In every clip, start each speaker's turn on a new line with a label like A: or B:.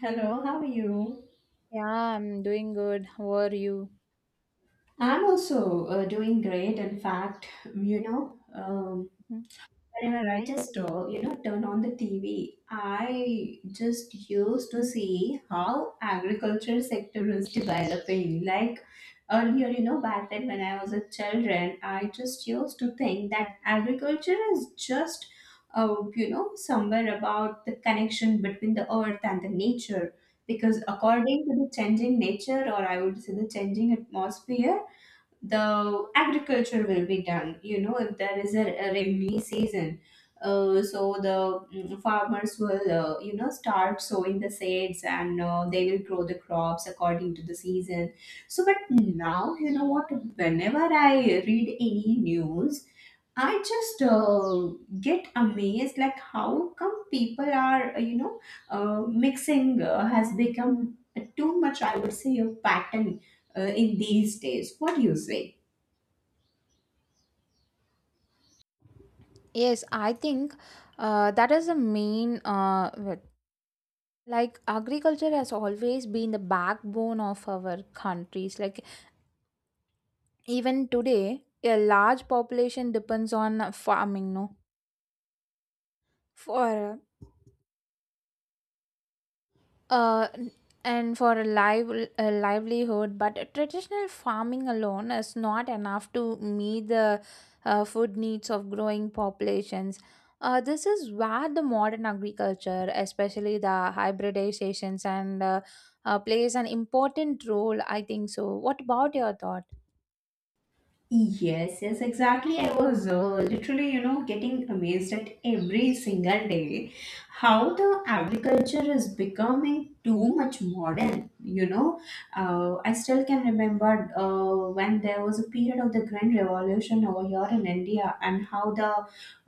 A: Hello, how are you?
B: Yeah, I'm doing good. How are you?
A: I'm also doing great. In fact, you know, um,
B: Mhm.
A: whenever I just turn on the TV, I just used to see how agriculture sector is developing. Like earlier, back then when I was a children, I just used to think that agriculture is just somewhere about the connection between the earth and the nature. Because according to the changing nature, or I would say the changing atmosphere, the agriculture will be done if there is a rainy season. Uh, so the farmers will start sowing the seeds, and they will grow the crops according to the season. So but now what, whenever I read any news, I just get amazed, like how come people are mixing has become too much, I would say, a pattern in these days. What do you say?
B: Yes, I think that is the main like agriculture has always been the backbone of our countries. Like even today, a large population depends on farming, no? For uh, and for a livelihood, but traditional farming alone is not enough to meet the food needs of growing populations. This is where the modern agriculture, especially the hybridizations, and plays an important role, I think. So what about your thoughts?
A: Yes, yes, exactly. I was literally, getting amazed at every single day how the agriculture is becoming too much modern. I still can remember when there was a period of the Grand Revolution over here in India, and how the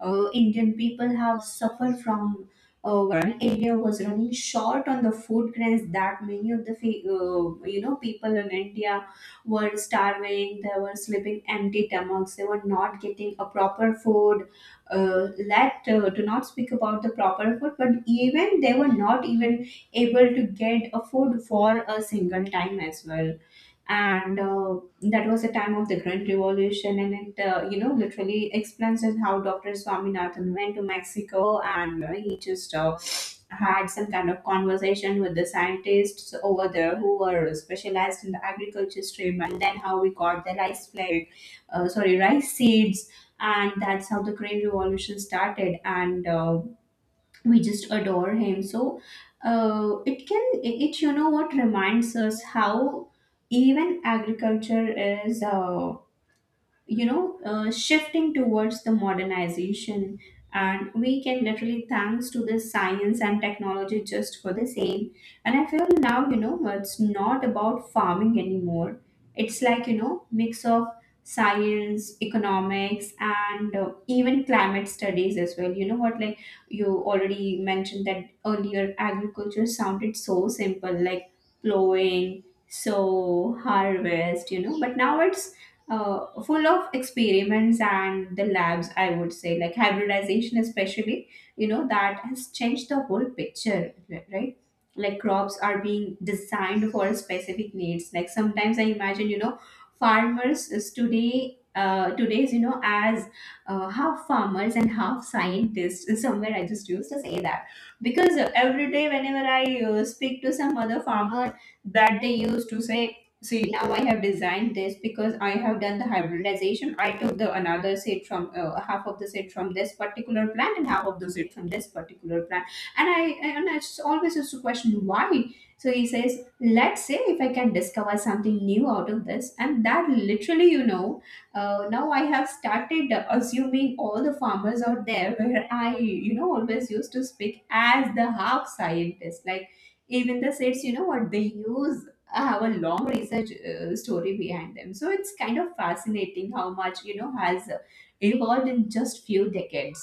A: Indian people have suffered from. When India was running short on the food grains, that many of the people in India were starving, they were sleeping empty stomachs, they were not getting a proper food. Let do not speak about the proper food, but even they were not even able to get a food for a single time as well. And that was the time of the Grand Revolution, and it literally explains us how Doctor Swaminathan went to Mexico, and he just had some kind of conversation with the scientists over there who were specialized in the agriculture stream, and then how we got the rice plague, sorry, rice seeds, and that's how the Green Revolution started. And. We just adore him. So it can it it, you know what reminds us how even agriculture is shifting towards the modernization, and we can literally thanks to the science and technology just for the same. And I feel now, it's not about farming anymore. It's like, mix of science, economics, and even climate studies as well. You know what, like you already mentioned that earlier agriculture sounded so simple, like plowing, sow, harvest, but now it's full of experiments and the labs, I would say, like hybridization especially, that has changed the whole picture, right? Like crops are being designed for specific needs. Like sometimes I imagine, farmers is today today's you know as half farmers and half scientists. Somewhere I just used to say that, because every day whenever I speak to some other farmer, that they used to say, see, now I have designed this because I have done the hybridization. I took the another seed from half of the seed from this particular plant and half of the seed from this particular plant. And I and I just always used to question why. So he says, let's say if I can discover something new out of this, and that literally, now I have started assuming all the farmers out there where I, always used to speak as the half scientist, like even the seeds, you know what they use, have a long research story behind them. So it's kind of fascinating how much has evolved in just few decades.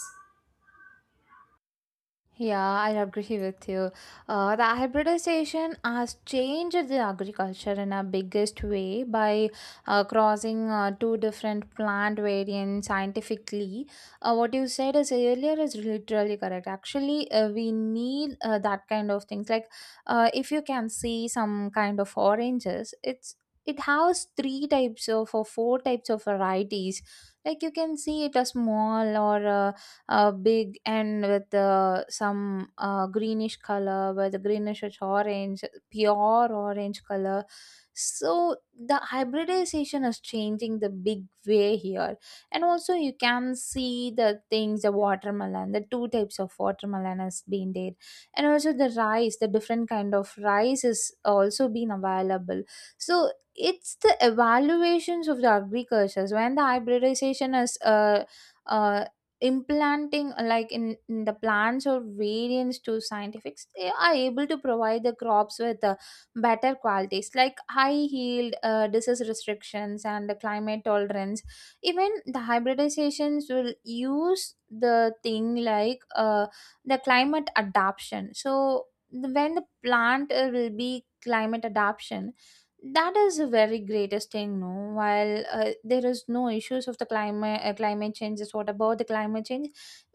B: Yeah, I agree with you. The hybridization has changed the agriculture in a biggest way by crossing two different plant variants scientifically. What you said is earlier is literally correct. Actually, we need that kind of things. Like, if you can see some kind of oranges, it has three types of or four types of varieties. Like you can see it a small or a big, and with some greenish color, with greenish orange, pure orange color. So the hybridization is changing the big way here, and also you can see the things, the watermelon, the two types of watermelon has been there, and also the rice, the different kind of rice is also been available. So it's the evaluations of the agricultures when the hybridization is uh, implanting like in the plants or variants to scientifics, they are able to provide the crops with better qualities like high yield, disease restrictions, and the climate tolerance. Even the hybridizations will use the thing like the climate adaptation. So when the plant will be climate adaptation, that is the very greatest thing, no? While there is no issues of the climate, climate change is, what about the climate change?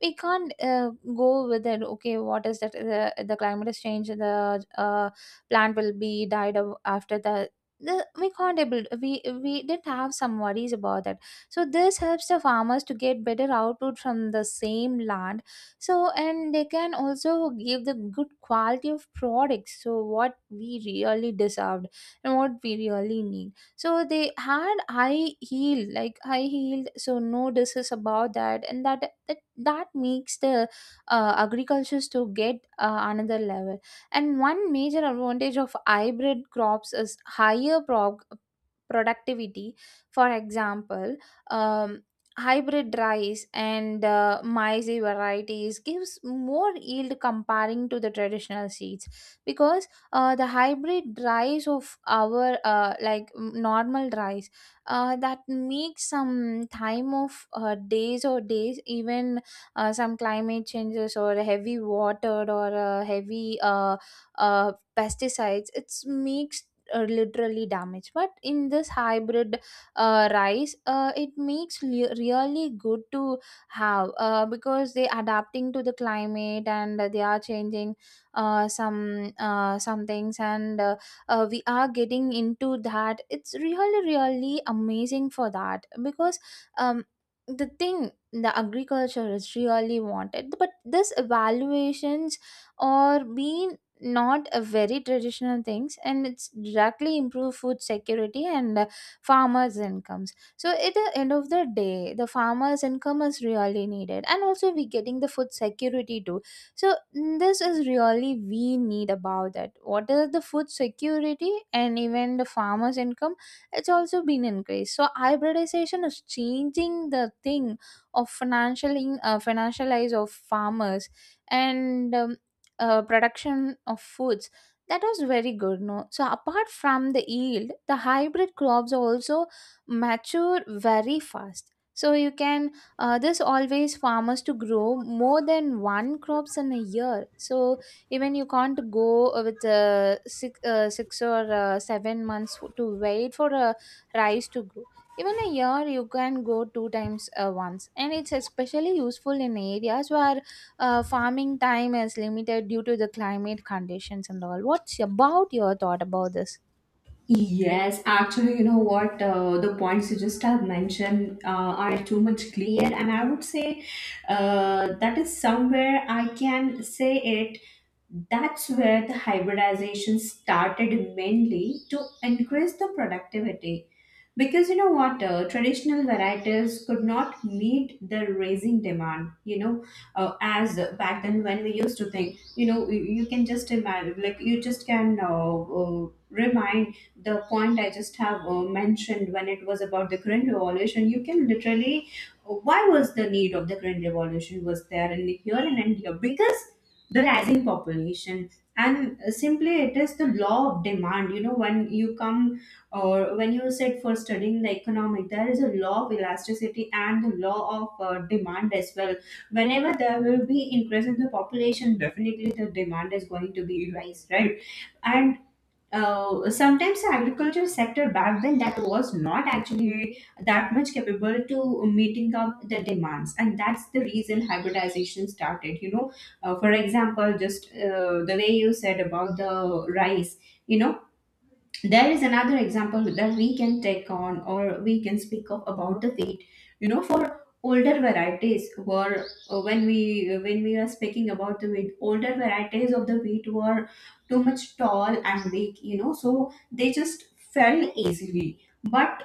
B: We can't go with it. Okay, what is that? The climate is changed, the plant will be died of after the we can't able, we didn't have some worries about that. So this helps the farmers to get better output from the same land, so and they can also give the good quality of products, so what we really deserve and what we really need. So they had high heel, like high heeled, so no discuss about that, and that makes the agricultures to get another level. And one major advantage of hybrid crops is higher productivity. For example, um, hybrid rice and maize varieties gives more yield comparing to the traditional seeds, because the hybrid rice of our like normal rice, that makes some time of days or days, even some climate changes or heavy water or heavy uh, pesticides, it's makes literally damage. But in this hybrid rice, it makes really good to have because they adapting to the climate and they are changing some things, and we are getting into that. It's really really amazing for that, because um, the thing the agriculture is really wanted, but this evaluations are being not a very traditional things, and it's directly improve food security and farmers incomes. So at the end of the day, the farmers income is really needed, and also we getting the food security too. So this is really we need about that, what is the food security, and even the farmers income, it's also been increased. So hybridization is changing the thing of financial financialize of farmers, and production of foods. That was very good, no? So apart from the yield, the hybrid crops also mature very fast, so you can this always farmers to grow more than one crops in a year. So even you can't go with 6, 6, or 7 months to wait for a rice to grow. Even a year you can go two times once, and it's especially useful in areas where farming time is limited due to the climate conditions and all. What's about your thought about this?
A: Yes, actually, you know what? The points you just have mentioned are too much clear, and I would say that is somewhere I can say it. That's where the hybridization started, mainly to increase the productivity. Because you know what, traditional varieties could not meet the rising demand. You know, as back then when we used to think, you know, you can just imagine, like you just can remind the point I just have mentioned when it was about the Korean Revolution, you can literally, why was the need of the Korean Revolution was there in here in India? Because the rising population, and simply it is the law of demand. You know, when you come or when you sit for studying the economic, there is a law of elasticity and the law of demand as well. Whenever there will be increase in the population, definitely the demand is going to be rise, right? And sometimes the agriculture sector back then that was not actually that much capable to meeting up the demands, and that's the reason hybridization started, for example, just the way you said about the rice, you know there is another example that we can take on or we can speak of about the wheat. For older varieties were when we are speaking about the wheat, older varieties of the wheat were too much tall and weak, so they just fell easily. But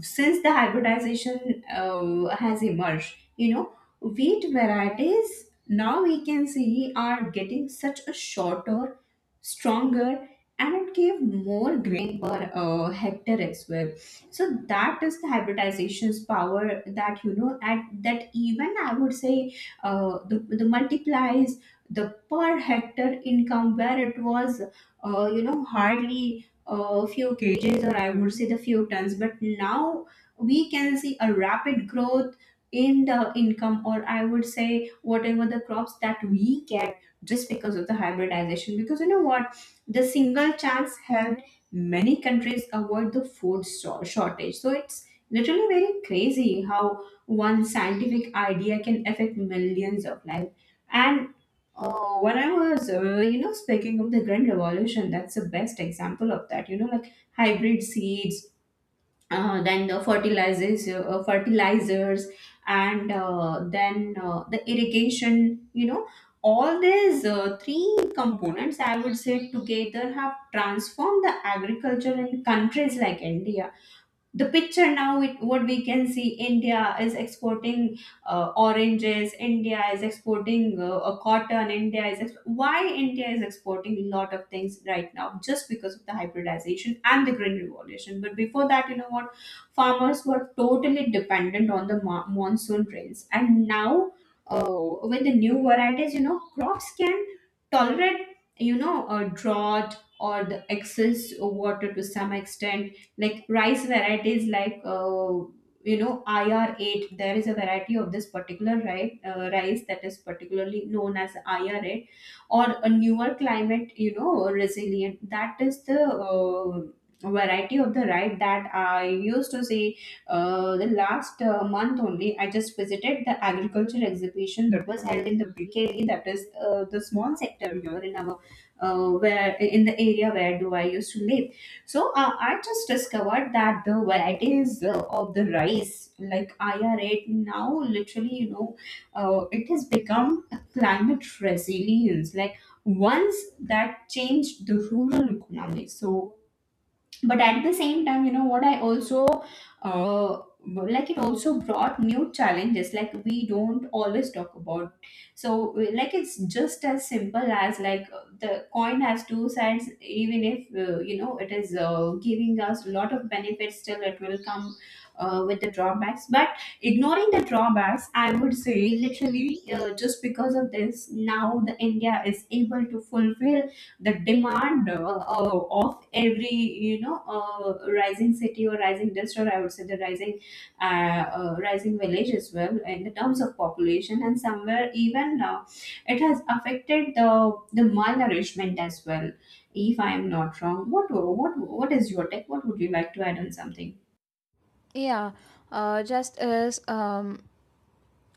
A: since the hybridization has emerged, you know, wheat varieties now we can see are getting such a shorter, stronger, and it gave more grain per hectare as well. So that is the hybridization's power, that at that even I would say the multiplies the per hectare income where it was hardly a few kgs, or I would say the few tons. But now we can see a rapid growth in the income, or I would say whatever the crops that we get, just because of the hybridization. Because you know what? The single chance helped many countries avoid the food shortage. So it's literally very crazy how one scientific idea can affect millions of lives. And oh, when I was, speaking of the Green Revolution, that's the best example of that. You know, like hybrid seeds, then the fertilizers, and the irrigation. You know, all these three components, I would say, together have transformed the agriculture in countries like India. The picture now, it, what we can see, India is exporting oranges, India is exporting a cotton, India is why India is exporting a lot of things right now, just because of the hybridization and the green revolution. But before that, you know what, farmers were totally dependent on the monsoon rains, and now uh, with the new varieties, crops can tolerate, a drought or the excess water to some extent, like rice varieties like IR8. There is a variety of this particular right rice that is particularly known as IR8, or a newer climate, resilient, that is the variety of the right that I used to see. The last month only, I just visited the agriculture exhibition that was held in the BKD, that is the small sector here in our where in the area where do I used to live. So I just discovered that the varieties of the rice, like IR8, now literally, you know, it has become a climate resilience. Like once that changed the rural economy. So but at the same time, you know what, I also uh like it also brought new challenges, like we don't always talk about. So like it's just as simple as like the coin has two sides. Even if it is giving us a lot of benefits, still it will come with the drawbacks. But ignoring the drawbacks, I would say, literally just because of this now, the India is able to fulfill the demand of every rising city or rising district, I would say the rising rising village as well, in the terms of population. And somewhere even it has affected the malnourishment as well, if I am not wrong. What is your take? What would you like to add on something?
B: Yeah, just as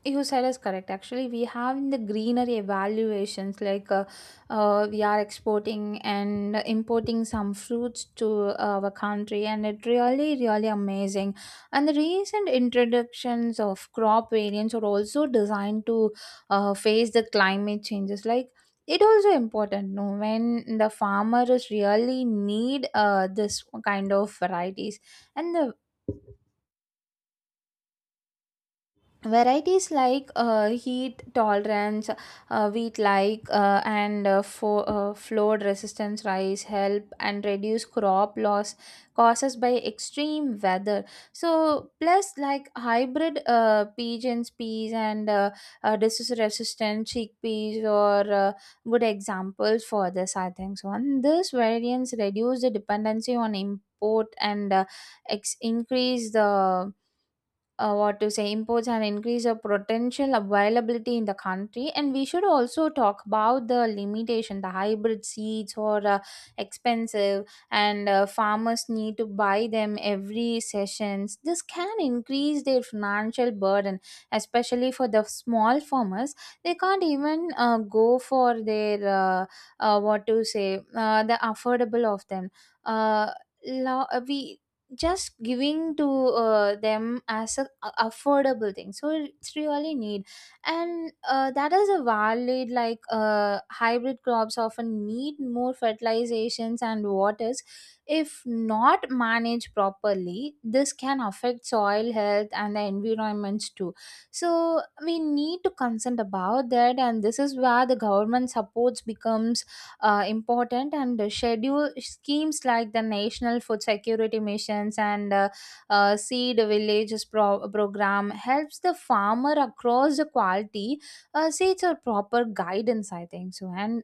B: you said is correct. Actually, we have in the greenery evaluations like we are exporting and importing some fruits to our country, and it really, really amazing. And the recent introductions of crop variants are also designed to face the climate changes. Like it also important, no, when the farmers really need this kind of varieties, and the varieties like heat tolerance wheat, like and flood resistance rice help and reduce crop loss causes by extreme weather. So plus like hybrid pigeons peas and disease resistant chickpeas or good examples for this, I think. So and this variants reduce the dependency on import, and increase the what to say, imports, and increase of potential availability in the country. And we should also talk about the limitation, the hybrid seeds or expensive, and farmers need to buy them every sessions. This can increase their financial burden, especially for the small farmers. They can't even go for their what to say, the affordable of them, uh, we just giving to them as a affordable thing, so it's really need. And that is a valid, like hybrid crops often need more fertilizations and waters. If not managed properly, this can affect soil health and the environments too. So we need to consent about that. And this is where the government supports becomes important, and schedule schemes like the national food security missions and seed villages program helps the farmer across the quality seeds or proper guidance, I think. So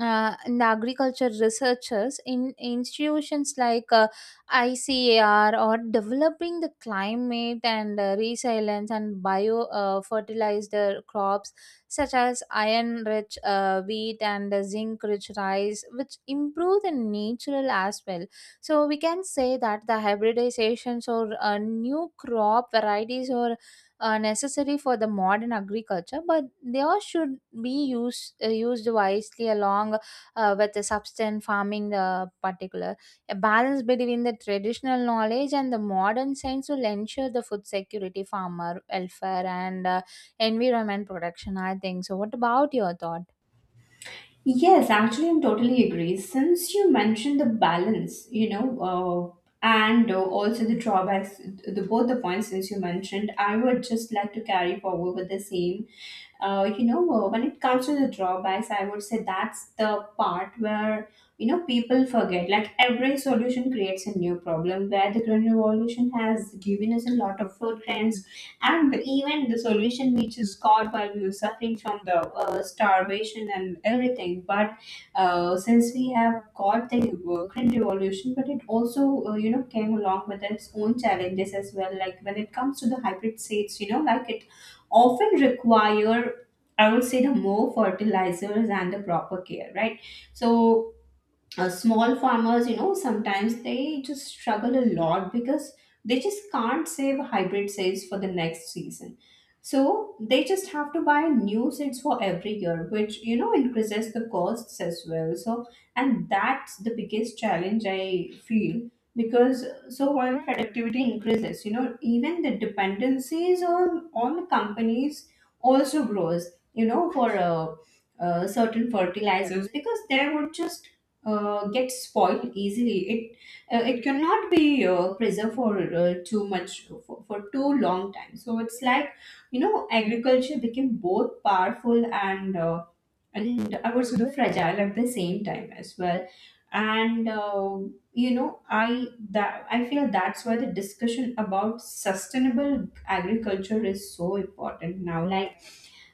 B: and the agriculture researchers in institutions like ICAR or developing the climate and resilience and bio fertilizer crops such as iron rich wheat and zinc rich rice, which improve the natural as well. So we can say that the hybridizations or new crop varieties or necessary for the modern agriculture, but they all should be used used wisely along with the substance farming. The particular a balance between the traditional knowledge and the modern science will ensure the food security, farmer welfare, and environment protection, I think. So what about your thought?
A: Yes, actually, I'm totally agree. Since you mentioned the balance, you know, and also the drawbacks, the both the points since you mentioned, I would just like to carry forward with the same. You know, when it comes to the drawbacks, I would say that's the part where people forget. Like every solution creates a new problem. Where the green revolution has given us a lot of food and even the solution which is got while we were suffering from the starvation and everything. But since we have got the Green Revolution, but it also came along with its own challenges as well. Like when it comes to the hybrid seeds, you know, like it often require I would say the more fertilizers and the proper care, right? So Small farmers, you know, sometimes they just struggle a lot because they just can't save hybrid seeds for the next season. So they just have to buy new seeds for every year, which you know increases the costs as well. So and that's the biggest challenge I feel because so while productivity increases, you know, even the dependencies on companies also grows. You know, for Certain fertilizers because they would just gets spoiled easily. It cannot be preserved for too much for too long time. So it's like you know agriculture became both powerful and I would say fragile at the same time as well. And you know I that I feel that's why the discussion about sustainable agriculture is so important now. Like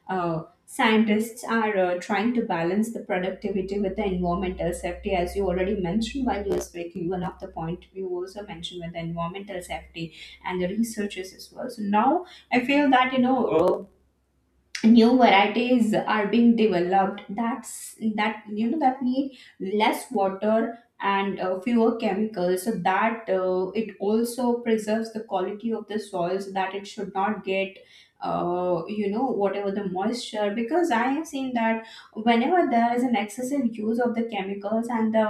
A: scientists are trying to balance the productivity with the environmental safety, as you already mentioned while you were speaking. One of the point you also mentioned with the environmental safety and the researchers as well. So now I feel that new varieties are being developed that you know that need less water and fewer chemicals so that it also preserves the quality of the soil so that it should not get whatever the moisture because I have seen that whenever there is an excessive use of the chemicals and the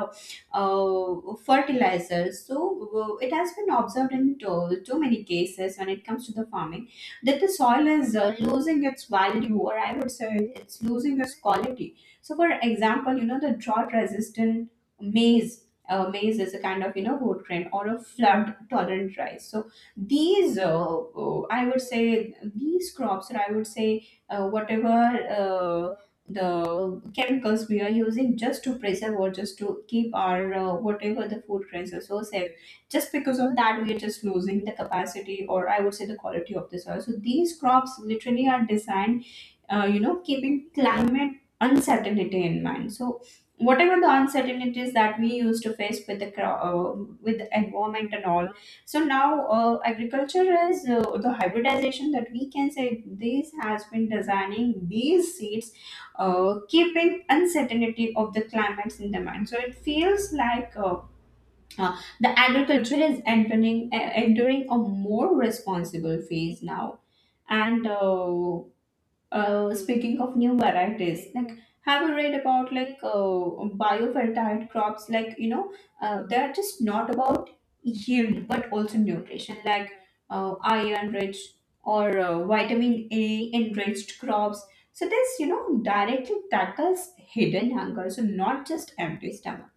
A: fertilizers so it has been observed in too many cases when it comes to the farming that the soil is losing its value or I would say it's losing its quality. So for example, you know, the drought resistant maize, maize is a kind of, you know, root grain or a flood tolerant rice. So these I would say these crops or I would say whatever uh, the chemicals we are using just to preserve or just to keep our whatever the food grains are so safe, just because of that we are just losing the capacity or I would say the quality of the soil. So these crops literally are designed keeping climate uncertainty in mind. So whatever the uncertainties that we used to face with the with the environment and all. So now agriculture is the hybridization that we can say this has been designing these seeds keeping uncertainty of the climates in the mind. So it feels like the agriculture is entering a more responsible phase now. And Speaking of new varieties, like have you read about biofertile crops? Like, you know, they are just not about yield but also nutrition, like iron rich or vitamin A enriched crops. So this you know directly tackles hidden hunger, so not just empty stomach.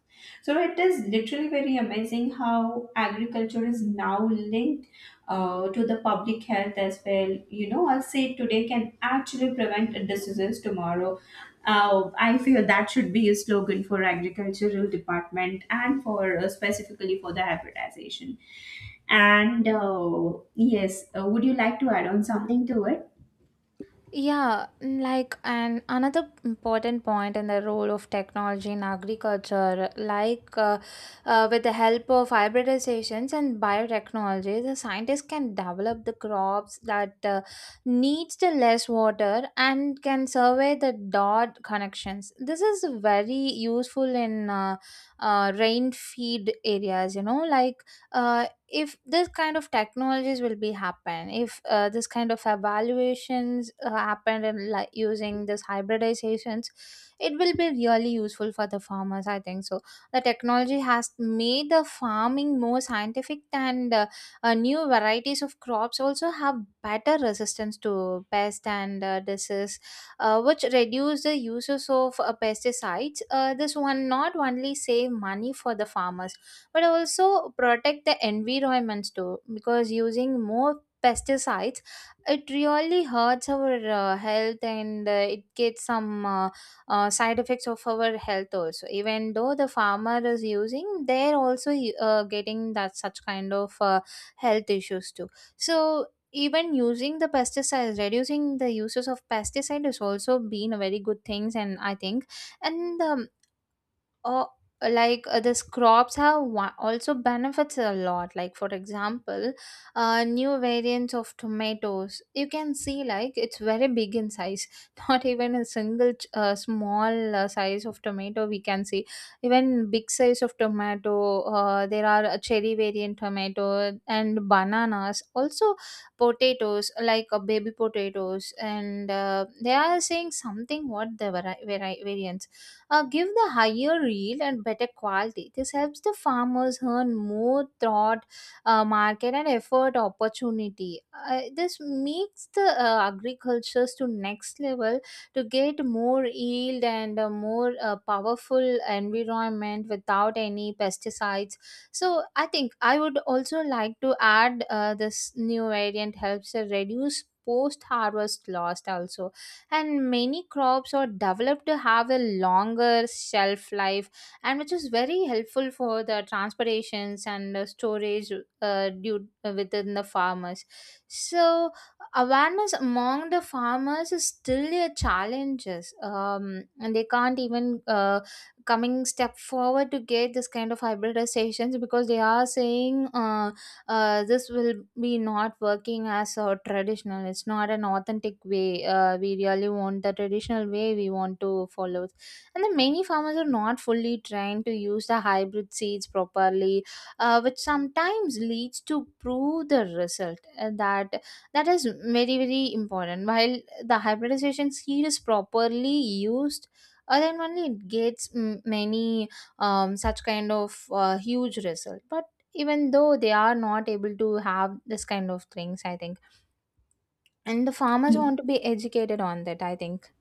A: So it is literally very amazing how agriculture is now linked to the public health as well. You know, I'll say today can actually prevent diseases tomorrow. I feel that should be a slogan for agricultural department and for specifically for the hybridization. And yes, would you like to add on something to
B: Yeah, like and another important point in the role of technology in agriculture, like with the help of hybridizations and biotechnology, the scientists can develop the crops that needs the less water and can survey the dot connections. This is very useful in rain feed areas. You know, like uh, if this kind of technologies will be happen, if this kind of evaluations happened, and like using this hybridizations, it will be really useful for the farmers, I think. So the technology has made the farming more scientific, and new varieties of crops also have better resistance to pest and disease, which reduce the uses of pesticides. This one not only save money for the farmers, but also protect the environments too, because using more pesticides, it really hurts our health, and it gets some side effects of our health also. Even though the farmer is using, they're also getting that such kind of health issues too. So even using the pesticides, reducing the uses of pesticide is also been a very good things, and I think, and or like this crops have also benefits a lot, like for example, new variants of tomatoes you can see, like it's very big in size not even a single small size of tomato we can see, even big size of tomato. There are a cherry variant tomato and bananas also, potatoes like baby potatoes, and they are saying something what the variants give the higher yield and better quality. This helps the farmers earn more throughout market and effort opportunity. This makes the agricultures to next level to get more yield and a more powerful environment without any pesticides. So I think I would also like to add this new variant helps reduce post harvest loss also, and many crops are developed to have a longer shelf life, and which is very helpful for the transportations and storage due within the farmers. So awareness among the farmers is still a challenges, and they can't even coming step forward to get this kind of hybridizations, because they are saying this will be not working as a traditional, it's not an authentic way. We really want the traditional way we want to follow. And the many farmers are not fully trained to use the hybrid seeds properly, which sometimes leads to prove the result, that that is very very important. While the hybridization seed is properly used, then only it gets many such kind of huge result. But even though they are not able to have this kind of things, I think, and the farmers
A: it?
B: want to be educated on that, I think.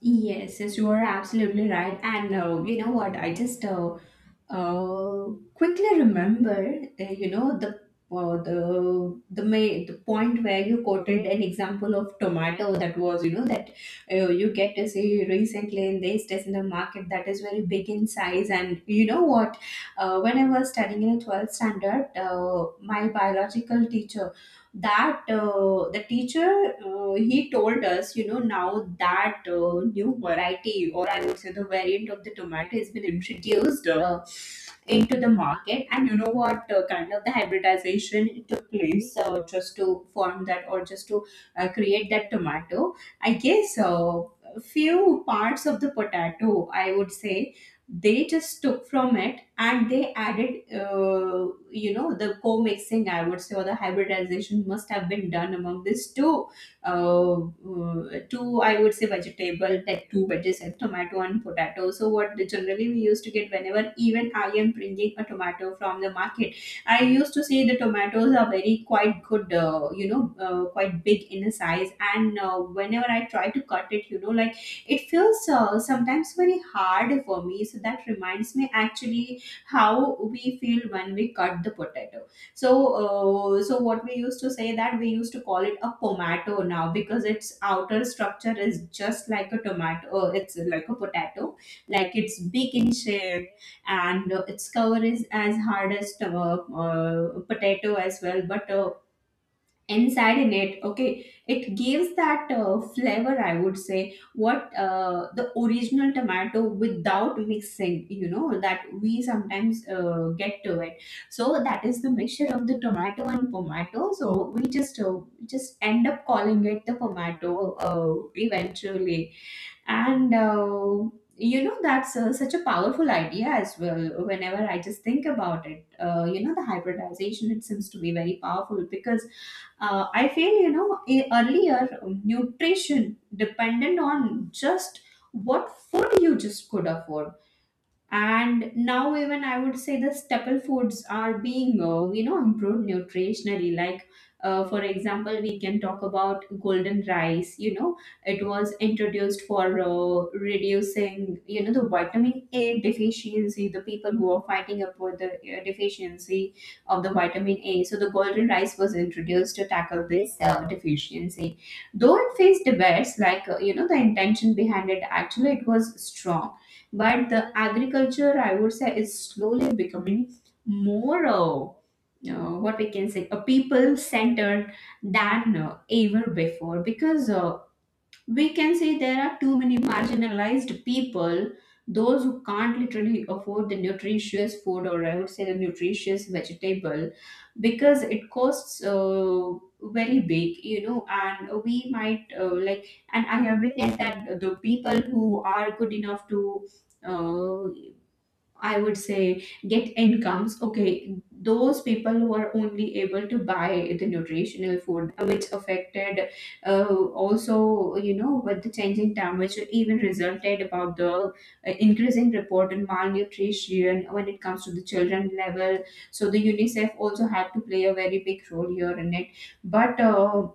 A: Yes, yes, you are absolutely right. And you know what? I just uh, quickly remembered, you know, the point where you quoted an example of tomato that was, you know, that you get to see recently in this test market that is very big in size. And you know what? When I was studying in 12th standard, my biological teacher that the teacher he told us you know now that new variety or I would say the variant of the tomato has been introduced into the market. And you know what kind of the hybridization took place just to form that or just to create that tomato. I guess few parts of the potato, I would say, they just took from it and they added you know the co-mixing, I would say, or the hybridization must have been done among these two, I would say, vegetable, like two veggies, and tomato and potato. So what the generally we used to get whenever even I am bringing a tomato from the market, I used to see the tomatoes are very quite good, quite big in a size, and whenever I try to cut it, you know, like it feels sometimes very hard for me. So that reminds me actually how we feel when we cut the potato. so so what we used to say that we used to call it a pomato now because its outer structure is just like a tomato, it's like a potato, like it's big in shape. And its cover is as hard as potato as well, but inside in it, okay, it gives that flavor, I would say, what the original tomato without mixing, you know, that we sometimes get to it. So that is the mixture of the tomato and pomato. So we just end up calling it the pomato eventually. And you know that's such a powerful idea as well whenever I just think about it. You know the hybridization, it seems to be very powerful because I feel you know earlier nutrition depended on just what food you just could afford. And now even I would say the staple foods are being improved nutritionally, like for example we can talk about golden rice, you know, it was introduced for reducing you know the vitamin A deficiency, the people who are fighting up with the deficiency of the vitamin A. So the golden rice was introduced to tackle this deficiency. Though it faced debates like you know the intention behind it, actually it was strong, but the agriculture I would say is slowly becoming more what we can say, a people centered than ever before. Because we can say there are too many marginalized people, those who can't literally afford the nutritious food or I would say the nutritious vegetable because it costs very big, you know. And we might like and I have realized that the people who are good enough to uh, I would say get incomes. Okay, those people who are only able to buy the nutritional food, which affected also, you know, with the changing time, which even resulted about the increasing report in malnutrition when it comes to the children level. So the UNICEF also had to play a very big role here in it. But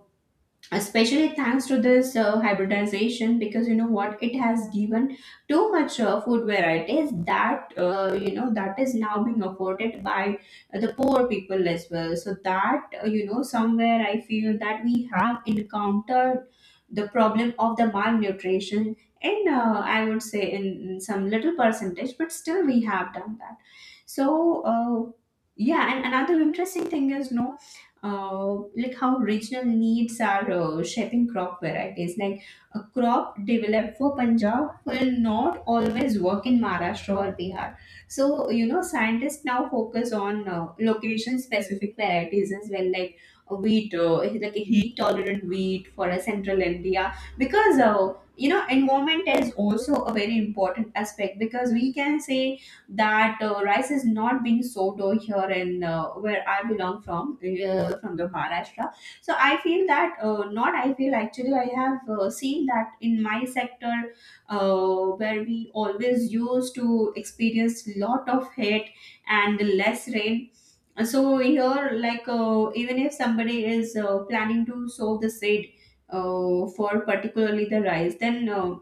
A: especially thanks to this hybridization, because you know what, it has given too much food varieties that you know that is now being afforded by the poor people as well. So that you know somewhere I feel that we have encountered the problem of the malnutrition, and I would say in some little percentage, but still we have done that. So yeah, and another interesting thing is no, uh, like how regional needs are shaping crop varieties. Like a crop developed for Punjab will not always work in Maharashtra or Bihar. So you know, scientists now focus on location-specific varieties as well, like a wheat, like a heat-tolerant wheat for a central India, because you know, environment is also a very important aspect because we can say that rice is not being sold over here in where I belong from the Maharashtra. So I feel that not I feel actually I have seen that in my sector where we always used to experience lot of heat and less rain. So here, like even if somebody is planning to sow the seed for particularly the rice, then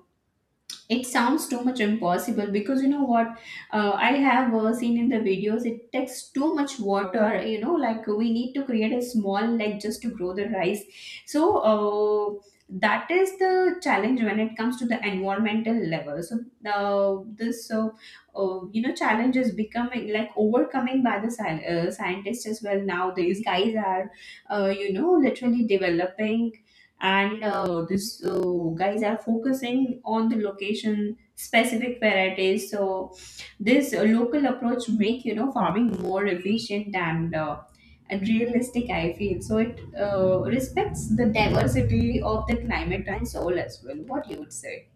A: it sounds too much impossible, because you know what, I have seen in the videos it takes too much water. You know, like we need to create a small lake just to grow the rice. so that is the challenge when it comes to the environmental level. So this you know challenge is becoming like overcoming by the scientists as well. Now these guys are you know literally developing, and this guys are focusing on the location specific varieties. So this local approach make you know farming more efficient and realistic, I feel. So it respects the diversity of the climate and soil as well. What you would say?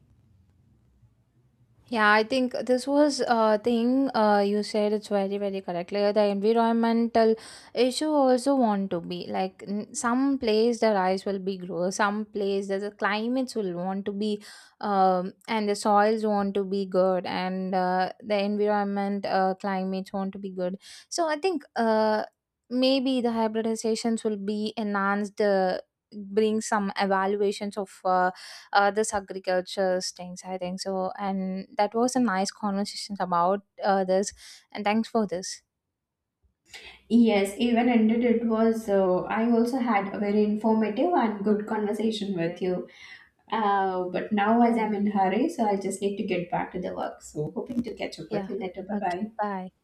B: Yeah, I think this was a thing, you said it's very very correct. Like the environmental issue also want to be like some place the rice will be grow, some place the climates will want to be, and the soils want to be good, and the environment climates want to be good. So I think maybe the hybridizations will be enhanced. Bring some evaluations of this agriculture things, I think. So and that was a nice conversation about this, and thanks for this.
A: Yes, even ended, it was I also had a very informative and good conversation with you. But now as
B: Yeah.
A: I'm in a hurry, so I just need to get back to the work. So hoping to catch up
B: Yeah.
A: with you later, bye
B: Okay,
A: bye.
B: bye.